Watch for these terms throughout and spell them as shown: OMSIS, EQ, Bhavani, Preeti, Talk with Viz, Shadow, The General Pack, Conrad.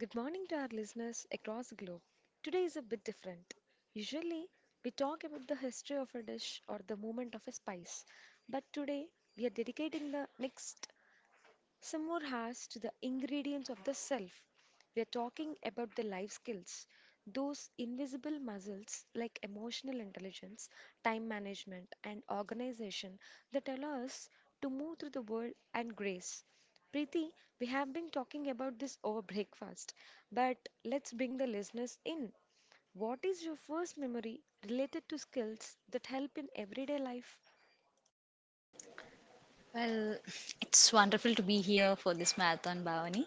Good morning to our listeners across the globe. Today is a bit different. Usually, we talk about the history of a dish or the moment of a spice, but today we are dedicating the next some more has to the ingredients of the self. We are talking about the life skills, those invisible muscles like emotional intelligence, time management, and organization that allow us to move through the world and grace. Preeti, we have been talking about this over breakfast, but let's bring the listeners in. What is your first memory related to skills that help in everyday life? Well, it's wonderful to be here for this marathon, Bhavani.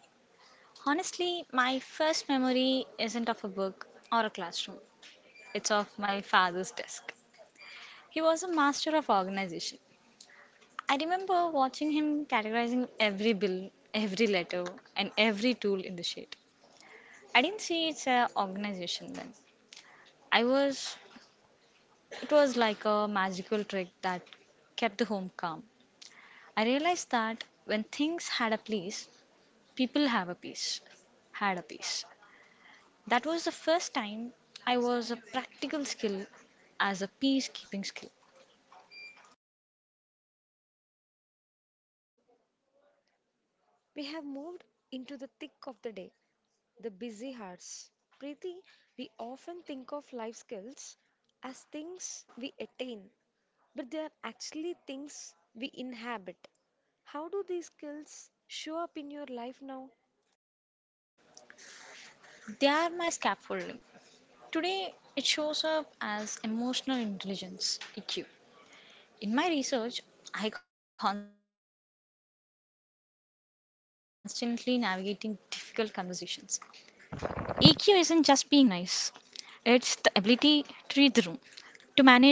Honestly, my first memory isn't of a book or a classroom, it's of my father's desk. He was a master of organization. I remember watching him categorizing every bill, every letter, and every tool in the sheet. I didn't see it's an organization then. I was, it was like a magical trick that kept the home calm. I realized that when things had a place, people have a piece, had a piece. That was the first time I was a practical skill as a peacekeeping skill. We have moved into the thick of the day, the busy hearts. Preeti, we often think of life skills as things we attain, but they are actually things we inhabit. How do these skills show up in your life now? They are my scaffolding. Today, it shows up as emotional intelligence (EQ). In my research, I constantly navigating difficult conversations. EQ isn't just being nice; it's the ability to read the room, to manage my harmony frustrations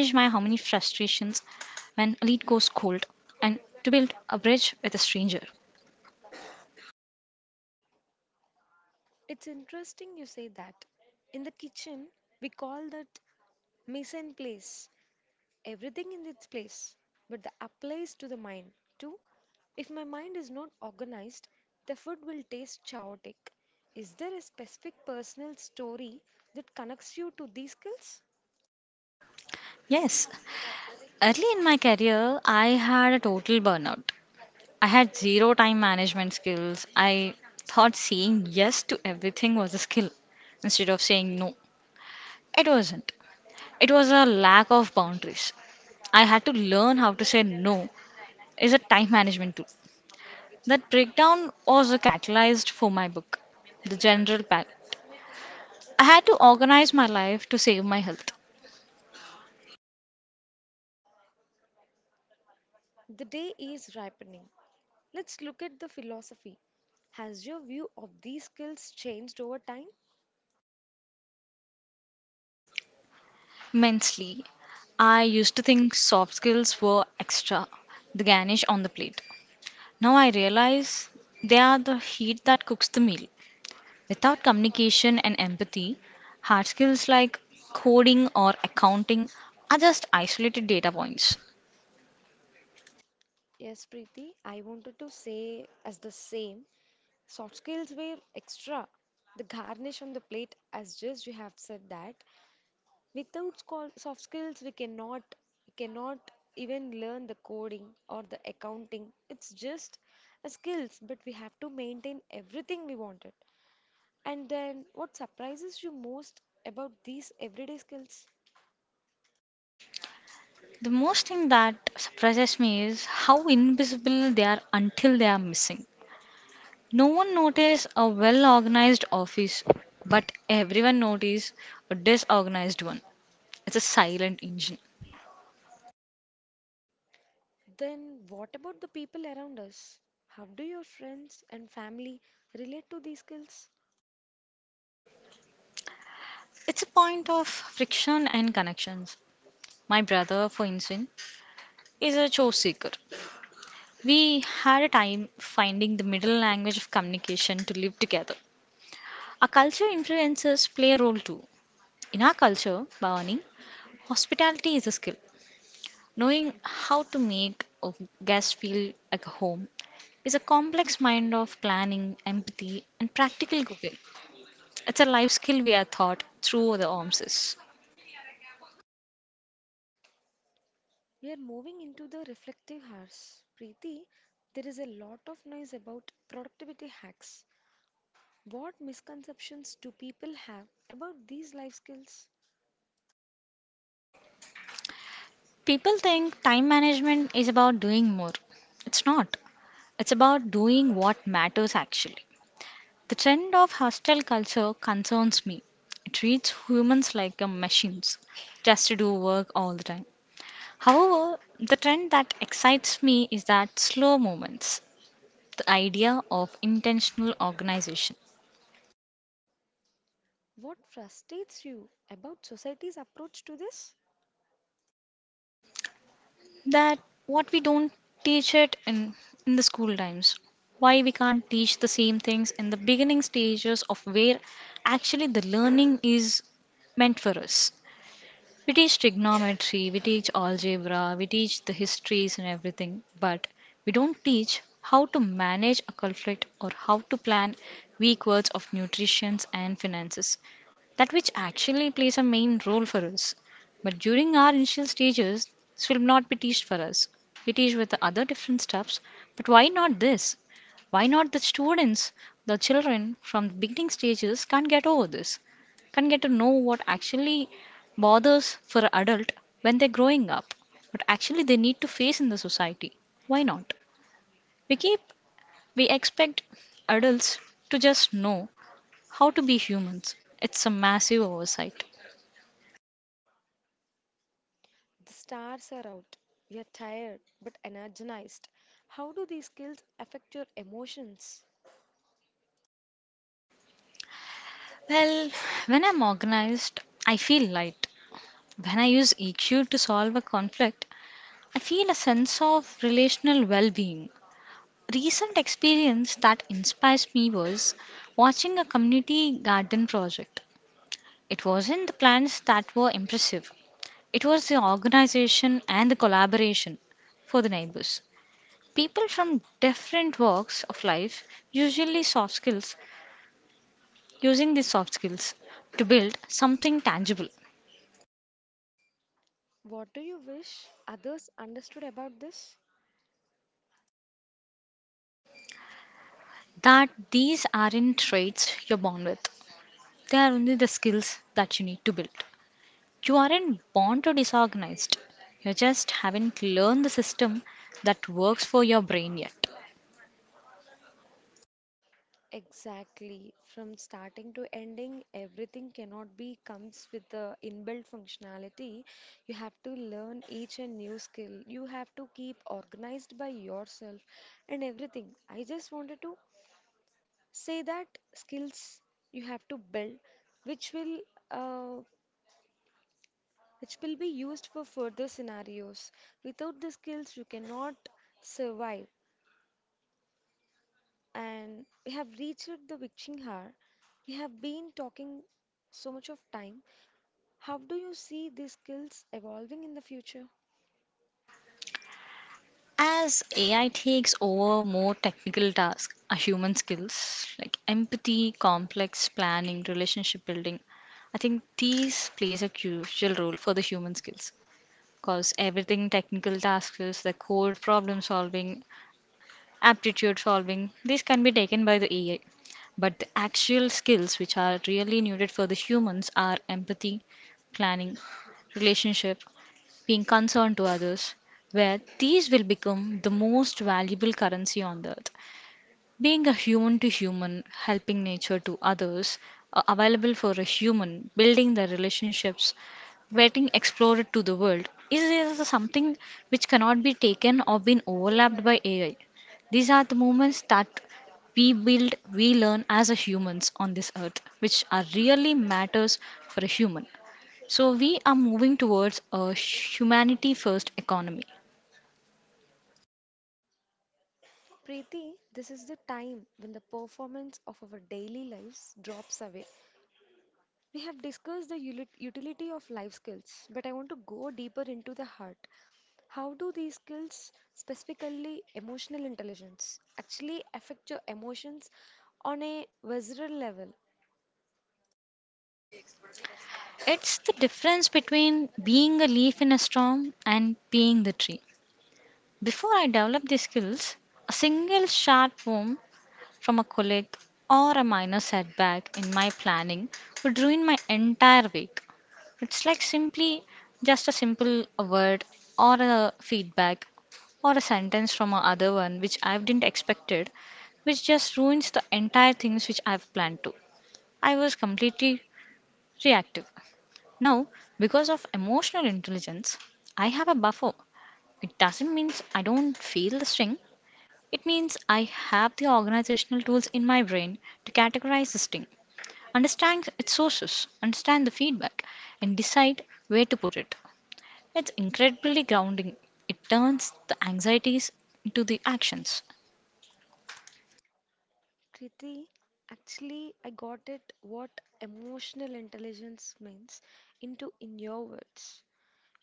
when a lead goes cold, and to build a bridge with a stranger. It's interesting you say that. In the kitchen, we call that mise en place, everything in its place, but the applies to the mind too. If my mind is not organized, the food will taste chaotic. Is there a specific personal story that connects you to these skills? Yes, early in my career, I had a total burnout. I had zero time management skills. I thought saying yes to everything was a skill instead of saying no. It wasn't. It was a lack of boundaries. I had to learn how to say no is a time management tool. That breakdown was a catalyst for my book, The General Pack. I had to organize my life to save my health. The day is ripening. Let's look at the philosophy. Has your view of these skills changed over time? Immensely. I used to think soft skills were extra, the garnish on the plate. Now I realize they are the heat that cooks the meal. Without communication and empathy, hard skills like coding or accounting are just isolated data points. Yes, Preeti, I wanted to say as the same. Soft skills were extra. The garnish on the plate, as just you have said that. Without soft skills, we cannot even learn the coding or the accounting. It's just a skills, but we have to maintain everything we wanted. And then, what surprises you most about these everyday skills? The most thing that surprises me is how invisible they are until they are missing. No one notices a well organized office, but everyone notices a disorganized one. It's a silent engine. Then, what about the people around us? How do your friends and family relate to these skills? It's a point of friction and connections. My brother, for instance, is a chore seeker. We had a time finding the middle language of communication to live together. Our culture influences play a role too. In our culture, Bhavani, hospitality is a skill. Knowing how to make a guest feel like a home is a complex mind of planning, empathy, and practical cooking. It's a life skill we are taught through the OMSIS. We are moving into the reflective hours. Preeti, there is a lot of noise about productivity hacks. What misconceptions do people have about these life skills? People think time management is about doing more. It's not. It's about doing what matters actually. The trend of hostile culture concerns me. It treats humans like machines, just to do work all the time. However, the trend that excites me is that slow movements, the idea of intentional organization. What frustrates you about society's approach to this? That what we don't teach it in the school times, why we can't teach the same things in the beginning stages of where actually the learning is meant for us. We teach trigonometry, we teach algebra, we teach the histories and everything, but we don't teach how to manage a conflict or how to plan weak words of nutrition and finances, that which actually plays a main role for us. But during our initial stages, this will not be taught for us. We teach with the other different stuffs, but why not this? Why not the students, the children from the beginning stages can't get over this? Can not get to know what actually bothers for an adult when they're growing up, but actually they need to face in the society. Why not? We keep we expect adults to just know how to be humans. It's a massive oversight. The stars are out. You're tired but energized. How do these skills affect your emotions? Well, when I'm organized, I feel light. When I use EQ to solve a conflict, I feel a sense of relational well being. Recent experience that inspires me was watching a community garden project. It wasn't the plants that were impressive, it was the organization and the collaboration for the neighbors. People from different walks of life usually soft skills, using these soft skills to build something tangible. What do you wish others understood about this? That these aren't traits you're born with, they are only the skills that you need to build. You aren't born to disorganized, you just haven't learned the system that works for your brain yet. Exactly. From starting to ending, everything cannot be comes with the inbuilt functionality. You have to learn each and new skill. You have to keep organized by yourself and everything. I just wanted to say that skills you have to build, which will uh, which will be used for further scenarios. Without the skills, you cannot survive. And we have reached the witching hour. We have been talking so much of time. How do you see these skills evolving in the future? As AI takes over more technical tasks, human skills like empathy, complex planning, relationship building, I think these plays a crucial role for the human skills because everything technical tasks is the code problem solving, aptitude solving, these can be taken by the AI. But the actual skills which are really needed for the humans are empathy, planning, relationship, being concerned to others, where these will become the most valuable currency on the earth. Being a human to human, helping nature to others, available for a human, building their relationships, getting explored to the world is something which cannot be taken or been overlapped by AI. These are the moments that we build, we learn as a humans on this earth, which are really matters for a human. So we are moving towards a humanity first economy. Preeti, this is the time when the performance of our daily lives drops away. We have discussed the utility of life skills, but I want to go deeper into the heart. How do these skills, specifically emotional intelligence, actually affect your emotions on a visceral level? It's the difference between being a leaf in a storm and being the tree. Before I developed these skills, a single sharp wound from a colleague or a minor setback in my planning would ruin my entire week. It's like simply just a simple word or a feedback or a sentence from a other one which I didn't expected, which just ruins the entire things which I've planned to. I was completely reactive. Now, because of emotional intelligence, I have a buffer. It doesn't mean I don't feel the sting. It means I have the organizational tools in my brain to categorize the sting, understand its sources, understand the feedback, and decide where to put it. It's incredibly grounding. It turns the anxieties into the actions. Kriti, actually, I got it what emotional intelligence means into in your words.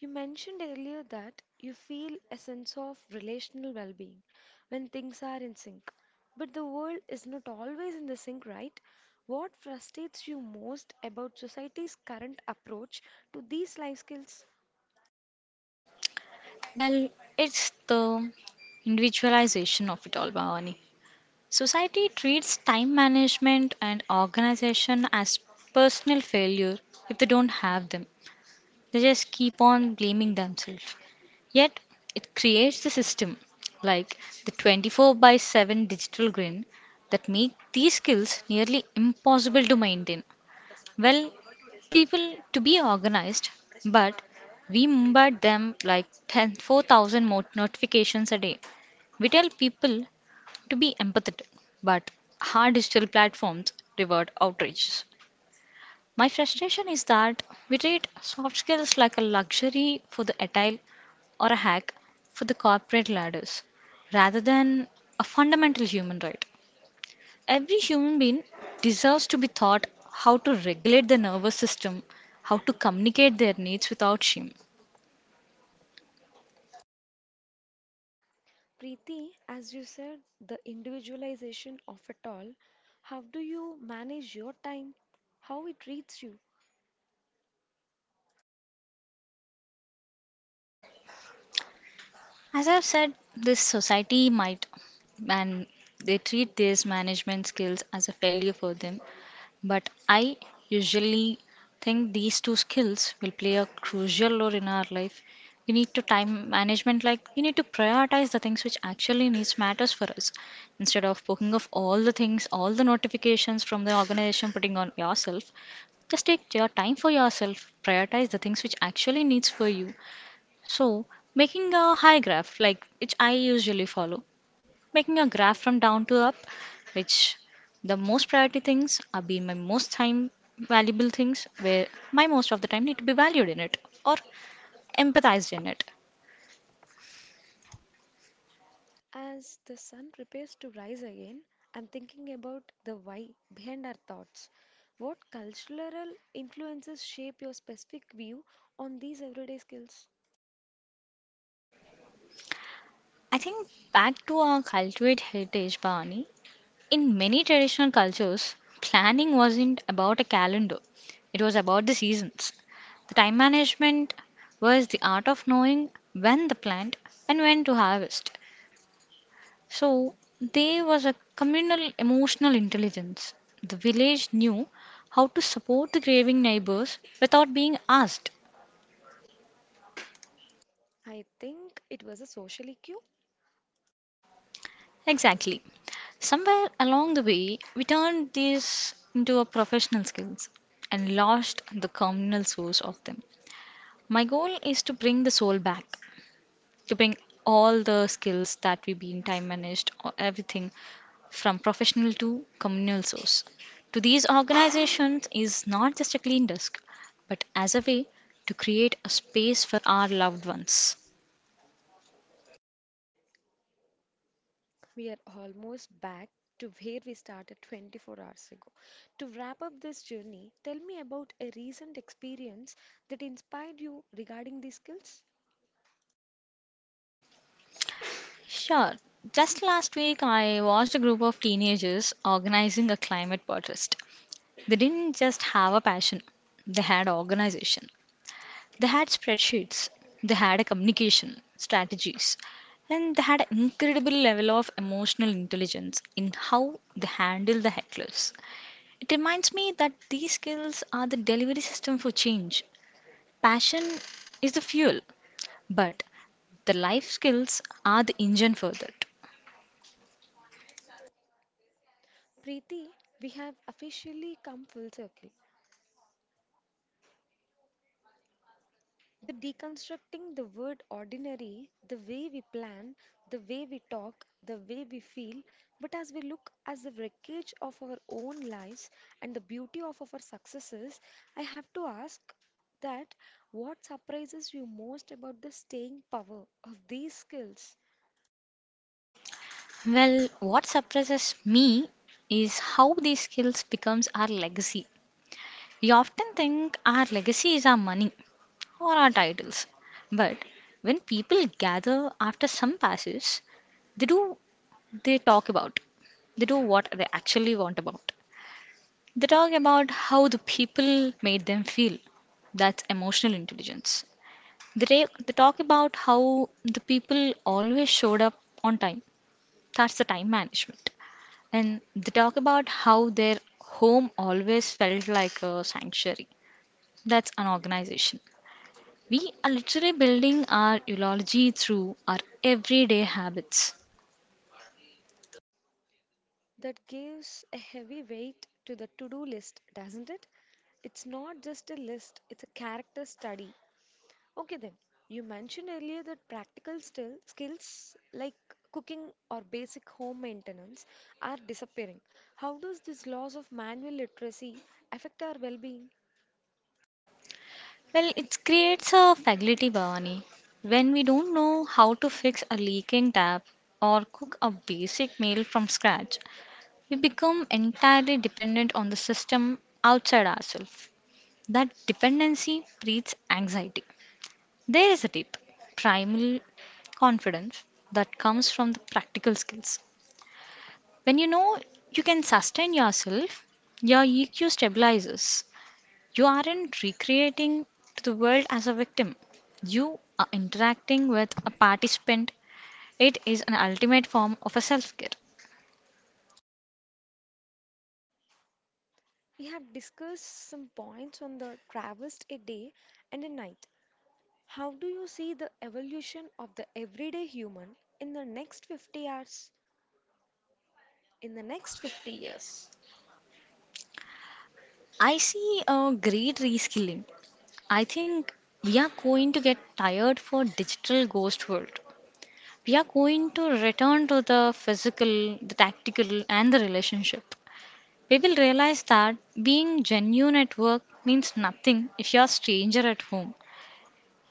You mentioned earlier that you feel a sense of relational well being when things are in sync. But the world is not always in the sync, right? What frustrates you most about society's current approach to these life skills? Well, it's the individualization of it all, Bhavani. Society treats time management and organization as personal failure if they don't have them. They just keep on blaming themselves. Yet, it creates the system like the 24 by 7 digital grid that make these skills nearly impossible to maintain. Well, people to be organized, but we bombard them like 10, 4,000 notifications a day. We tell people to be empathetic, but hard digital platforms reward outrages. My frustration is that we treat soft skills like a luxury for the agile or a hack for the corporate ladders rather than a fundamental human right. Every human being deserves to be taught how to regulate their nervous system, how to communicate their needs without shame. Preeti, as you said, the individualization of it all, how do you manage your time? How it treats you? As I've said, this society might, and they treat these management skills as a failure for them. But I usually think these two skills will play a crucial role in our life. We need to time management, like we need to prioritize the things which actually needs matters for us, instead of poking off all the things, all the notifications from the organization, putting on yourself. Just take your time for yourself. Prioritize the things which actually needs for you. So making a high graph, like which I usually follow, making a graph from down to up, which the most priority things are being my most time valuable things where my most of the time need to be valued in it or empathized in it. As the sun prepares to rise again, I'm thinking about the why behind our thoughts. What cultural influences shape your specific view on these everyday skills? I think back to our cultivate heritage, Bhavani, in many traditional cultures, planning wasn't about a calendar, it was about the seasons. The time management was the art of knowing when to plant and when to harvest. So there was a communal emotional intelligence. The village knew how to support the grieving neighbors without being asked. I think it was a social cue. Exactly. Somewhere along the way, we turned these into a professional skills and lost the communal source of them. My goal is to bring the soul back, to bring all the skills that we been time managed, or everything from professional to communal source. To these organizations is not just a clean desk, but as a way to create a space for our loved ones. We are almost back to where we started 24 hours ago. To wrap up this journey, tell me about a recent experience that inspired you regarding these skills. Sure. Just last week, I watched a group of teenagers organizing a climate protest. They didn't just have a passion, they had organization. They had spreadsheets, they had a communication strategies, and they had an incredible level of emotional intelligence in how they handle the hecklers. It reminds me that these skills are the delivery system for change. Passion is the fuel, but the life skills are the engine for that. Preeti, we have officially come full circle. The deconstructing the word ordinary, the way we plan, the way we talk, the way we feel, but as we look as the wreckage of our own lives and the beauty of our successes, I have to ask that what surprises you most about the staying power of these skills Well, what surprises me is how these skills becomes our legacy. We often think our legacy is our money or our titles, but when people gather after some passes, they do they talk about, they do what they actually want about. They talk about how the people made them feel. That's emotional intelligence. They talk about how the people always showed up on time. That's the time management. And they talk about how their home always felt like a sanctuary. That's an organization. We are literally building our eulogy through our everyday habits. that gives a heavy weight to the to-do list, doesn't it? It's not just a list, it's a character study. Okay then, you mentioned earlier that practical still skills like cooking or basic home maintenance are disappearing. How does this loss of manual literacy affect our well-being? Well, it creates a faculty, Bhavani. When we don't know how to fix a leaking tap or cook a basic meal from scratch, we become entirely dependent on the system outside ourselves. That dependency breeds anxiety. There is a deep, primal confidence that comes from the practical skills. When you know you can sustain yourself, your EQ stabilizes. You aren't recreating to the world as a victim, you are interacting with a participant. It is an ultimate form of a self care. We have discussed some points on the traversed a day and a night. How do you see the evolution of the everyday human in the next 50 hours, in the next 50 years? I see a great reskilling. I think we are going to get tired for digital ghost world. We are going to return to the physical, the tactical, and the relationship. We will realize that being genuine at work means nothing if you're a stranger at home.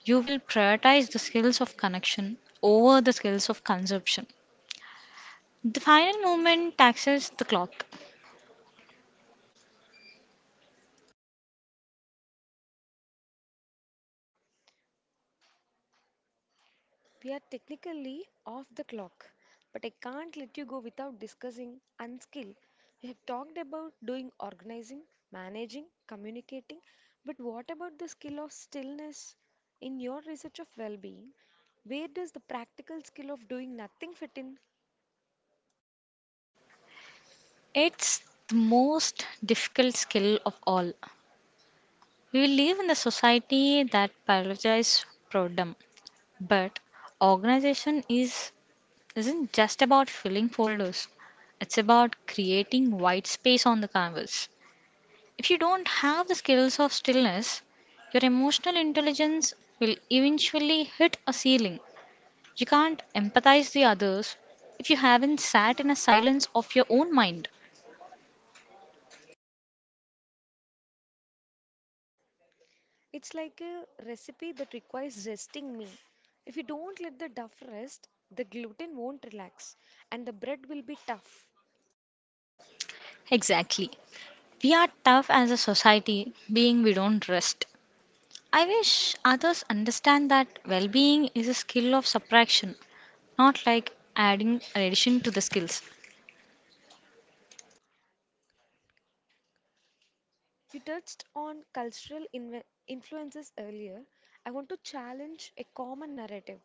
You will prioritize the skills of connection over the skills of consumption. The final movement taxes the clock. We are technically off the clock, but I can't let you go without discussing unskill. We have talked about doing organizing, managing, communicating, but what about the skill of stillness? In your research of well being, where does the practical skill of doing nothing fit in? It's the most difficult skill of all. We will live in a society that prioritizes boredom, but organization is isn't just about filling folders. It's about creating white space on the canvas. If you don't have the skills of stillness, your emotional intelligence will eventually hit a ceiling. You can't empathize the others if you haven't sat in a silence of your own mind. It's like a recipe that requires resting me. If you don't let the duff rest, the gluten won't relax and the bread will be tough. Exactly. We are tough as a society, being we don't rest. I wish others understand that well being is a skill of subtraction, not like adding an addition to the skills. You touched on cultural influences earlier. I want to challenge a common narrative.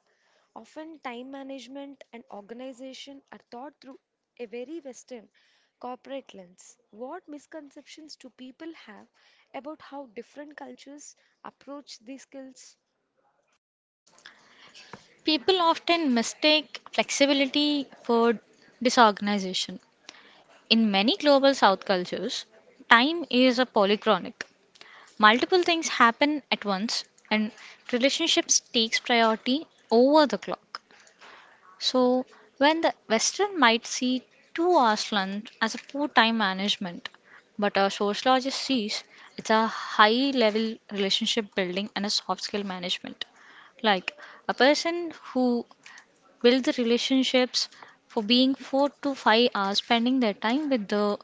Often, time management and organization are thought through a very Western corporate lens. What misconceptions do people have about how different cultures approach these skills? People often mistake flexibility for disorganization. In many global South cultures, time is a polychronic. Multiple things happen at once and relationships takes priority over the clock. So when the Western might see 2 hours lunch as a poor time management, but a sociologist sees it's a high level relationship building and a soft skill management. Like a person who builds the relationships for being 4 to 5 hours spending their time with the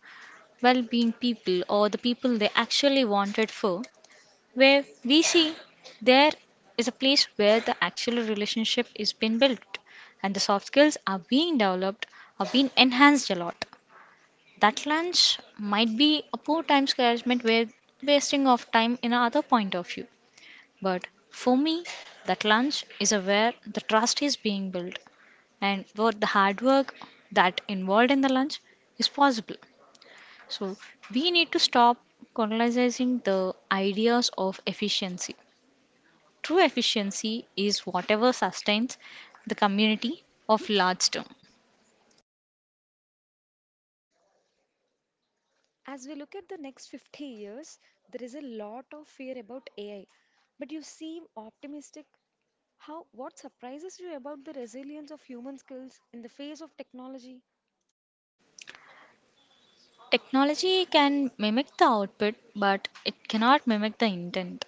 well being people or the people they actually wanted for, where we see there is a place where the actual relationship is being built and the soft skills are being developed are being enhanced a lot. That lunch might be a poor time management where wasting of time in another point of view. But for me, that lunch is a where the trust is being built and what the hard work that involved in the lunch is possible. So we need to stop colonizing the ideas of efficiency. True efficiency is whatever sustains the community of large term. As we look at the next 50 years, there is a lot of fear about AI, but you seem optimistic. How what surprises you about the resilience of human skills in the face of technology? Technology can mimic the output, but it cannot mimic the intent.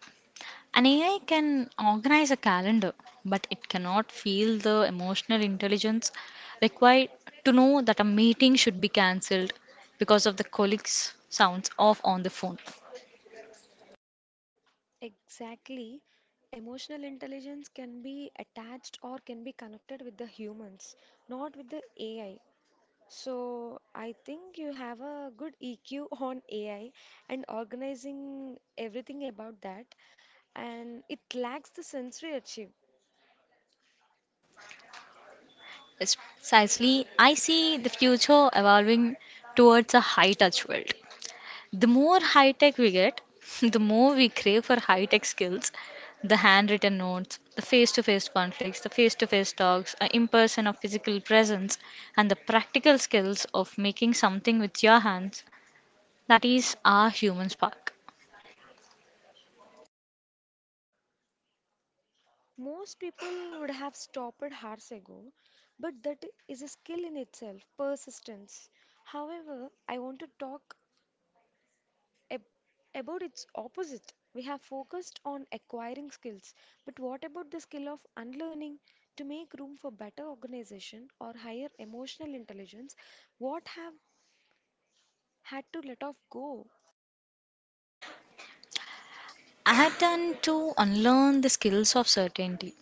An AI can organize a calendar, but it cannot feel the emotional intelligence required to know that a meeting should be cancelled because of the colleague's sounds off on the phone. Exactly. Emotional intelligence can be attached or can be connected with the humans, not with the AI. So I think you have a good EQ on AI and organizing everything about that, and it lacks the sensory achieve. Yes, precisely. I see the future evolving towards a high touch world. The more high tech we get, the more we crave for high tech skills, the handwritten notes, the face to face conflicts, the face to face talks, an impression of physical presence, and the practical skills of making something with your hands. That is our human spark. Most people would have stopped hours ago, but that is a skill in itself, persistence. However, I want to talk ab- about its opposite. We have focused on acquiring skills, but what about the skill of unlearning? To make room for better organization or higher emotional intelligence, what have had to let off go? I had done to unlearn the skills of certainty.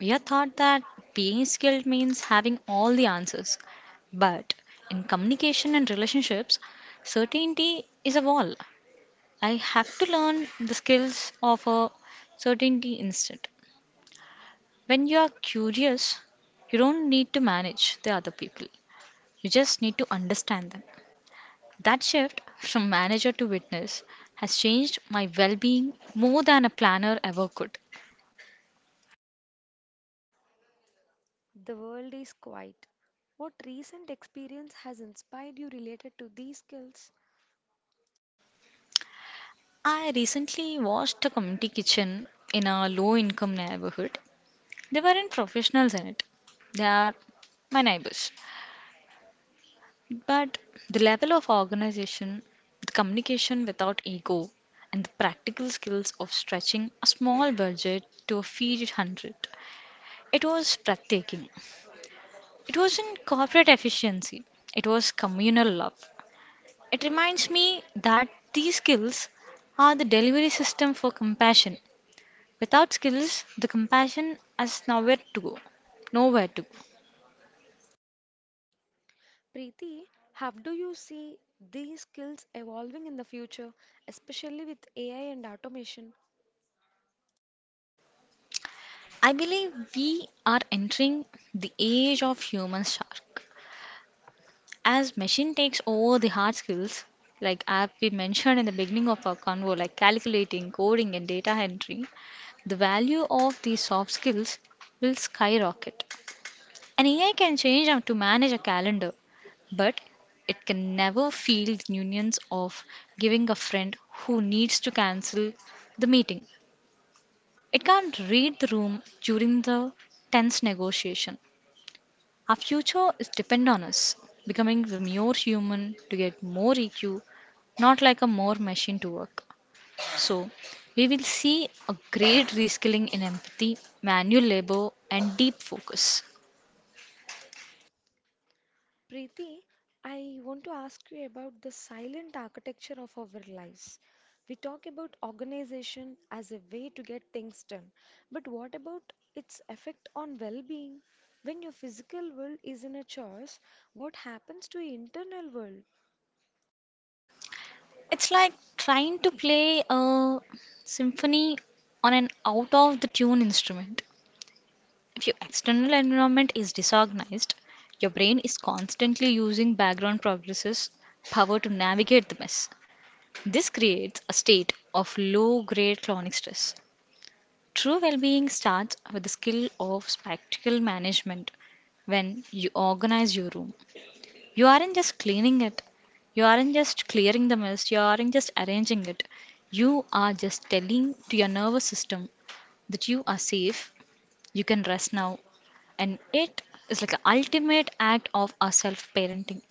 We are taught that being skilled means having all the answers. But in communication and relationships, certainty is a wall. I have to learn the skills of a certainty instant. When you are curious, you don't need to manage the other people, you just need to understand them. That shift from manager to witness has changed my well being more than a planner ever could. The world is quiet. What recent experience has inspired you related to these skills? I recently watched a community kitchen in a low income neighborhood. They weren't professionals in it, they are my neighbors. But the level of organization, the communication without ego, and the practical skills of stretching a small budget to a feed hundred, it was breathtaking. It wasn't corporate efficiency, it was communal love. It reminds me that these skills are the delivery system for compassion. Without skills, the compassion has nowhere to go. Nowhere to go. Preeti, how do you see these skills evolving in the future, especially with AI and automation? I believe we are entering the age of human shark. As machine takes over the hard skills, like as we mentioned in the beginning of our convo, like calculating, coding, and data entry, the value of these soft skills will skyrocket. An AI can change how to manage a calendar, but it can never feel the nuance of giving a friend who needs to cancel the meeting. It can't read the room during the tense negotiation. Our future is depend on us becoming the more human to get more EQ, not like a more machine to work. So, we will see a great reskilling in empathy, manual labor, and deep focus. Preeti, I want to ask you about the silent architecture of our lives. We talk about organization as a way to get things done, but what about its effect on well being? When your physical world is in a chaos, what happens to your internal world? It's like trying to play a symphony on an out of the tune instrument. If your external environment is disorganized, your brain is constantly using background processes power to navigate the mess. This creates a state of low grade chronic stress. True well being starts with the skill of spectacle management. When you organize your room, you aren't just cleaning it. You aren't just clearing the mess. You aren't just arranging it. You are just telling to your nervous system that you are safe, you can rest now. And it is like an ultimate act of our self parenting.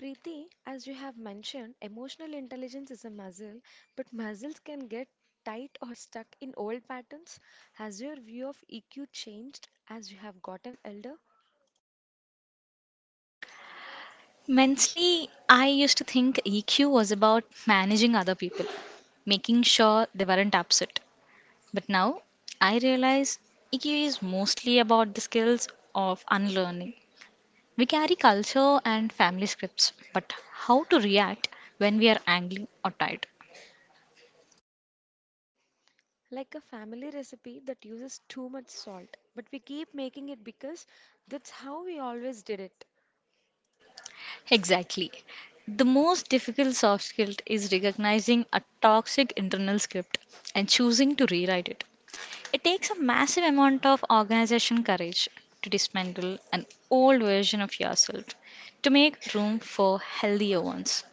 Preeti, as you have mentioned, emotional intelligence is a muscle, but muscles can get tight or stuck in old patterns. Has your view of EQ changed as you have gotten older? Mentally, I used to think EQ was about managing other people, making sure they weren't upset. But now I realize EQ is mostly about the skills of unlearning. We carry culture and family scripts, but how to react when we are angry or tired? Like a family recipe that uses too much salt, but we keep making it because that's how we always did it. Exactly. The most difficult soft skill is recognizing a toxic internal script and choosing to rewrite it. It takes a massive amount of organization courage to dismantle an old version of yourself to make room for healthier ones.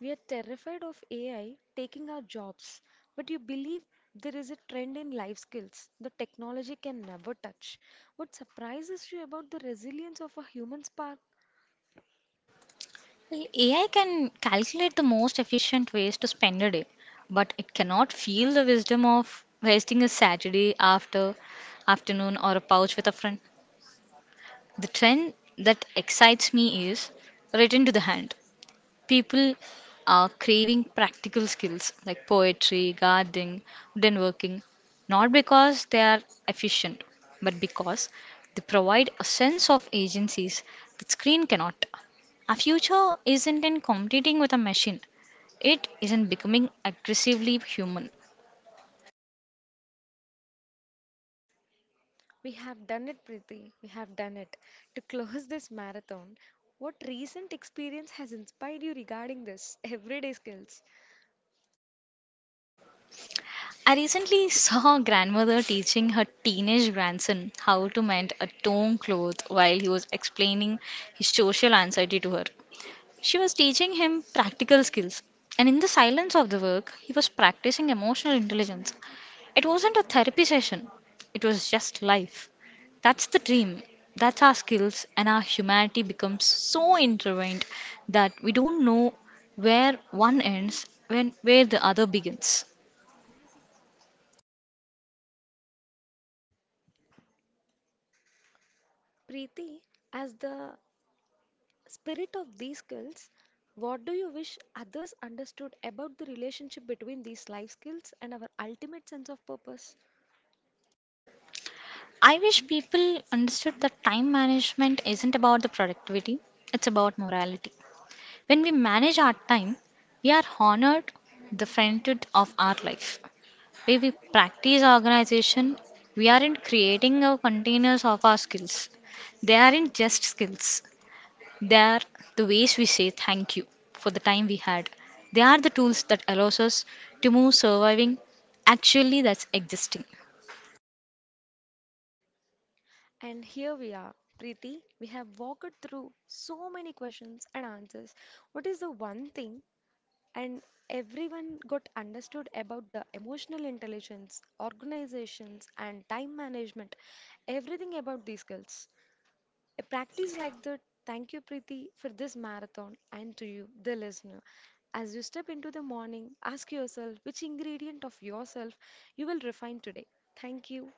We are terrified of AI taking our jobs, but you believe there is a trend in life skills the technology can never touch. What surprises you about the resilience of a human spark? Well, AI can calculate the most efficient ways to spend a day, but it cannot feel the wisdom of wasting a Saturday afternoon or a pouch with a friend. The trend that excites me is written to the hand, people are craving practical skills like poetry, gardening, wooden working, not because they are efficient, but because they provide a sense of agencies that screen cannot. Our future isn't in competing with a machine. It isn't becoming aggressively human. We have done it, Preeti. We have done it. To close this marathon, what recent experience has inspired you regarding this everyday skills? I recently saw a grandmother teaching her teenage grandson how to mend a torn cloth while he was explaining his social anxiety to her. She was teaching him practical skills, and in the silence of the work, he was practicing emotional intelligence. It wasn't a therapy session, it was just life. That's the dream. That's our skills, and our humanity becomes so intertwined that we don't know where one ends when where the other begins. Preeti, as the spirit of these skills, what do you wish others understood about the relationship between these life skills and our ultimate sense of purpose? I wish people understood that time management isn't about the productivity, it's about morality. When we manage our time, we are honored the frontier of our life. When we practice organization, we aren't creating a containers of our skills. They aren't just skills. They are the ways we say thank you for the time we had. They are the tools that allows us to move surviving. Actually, that's existing. And here we are, Preeti. We have walked through so many questions and answers. What is the one thing and everyone got understood about the emotional intelligence, organizations, and time management, everything about these skills. A practice like that, thank you, Preeti, for this marathon, and to you, the listener. As you step into the morning, ask yourself which ingredient of yourself you will refine today. Thank you.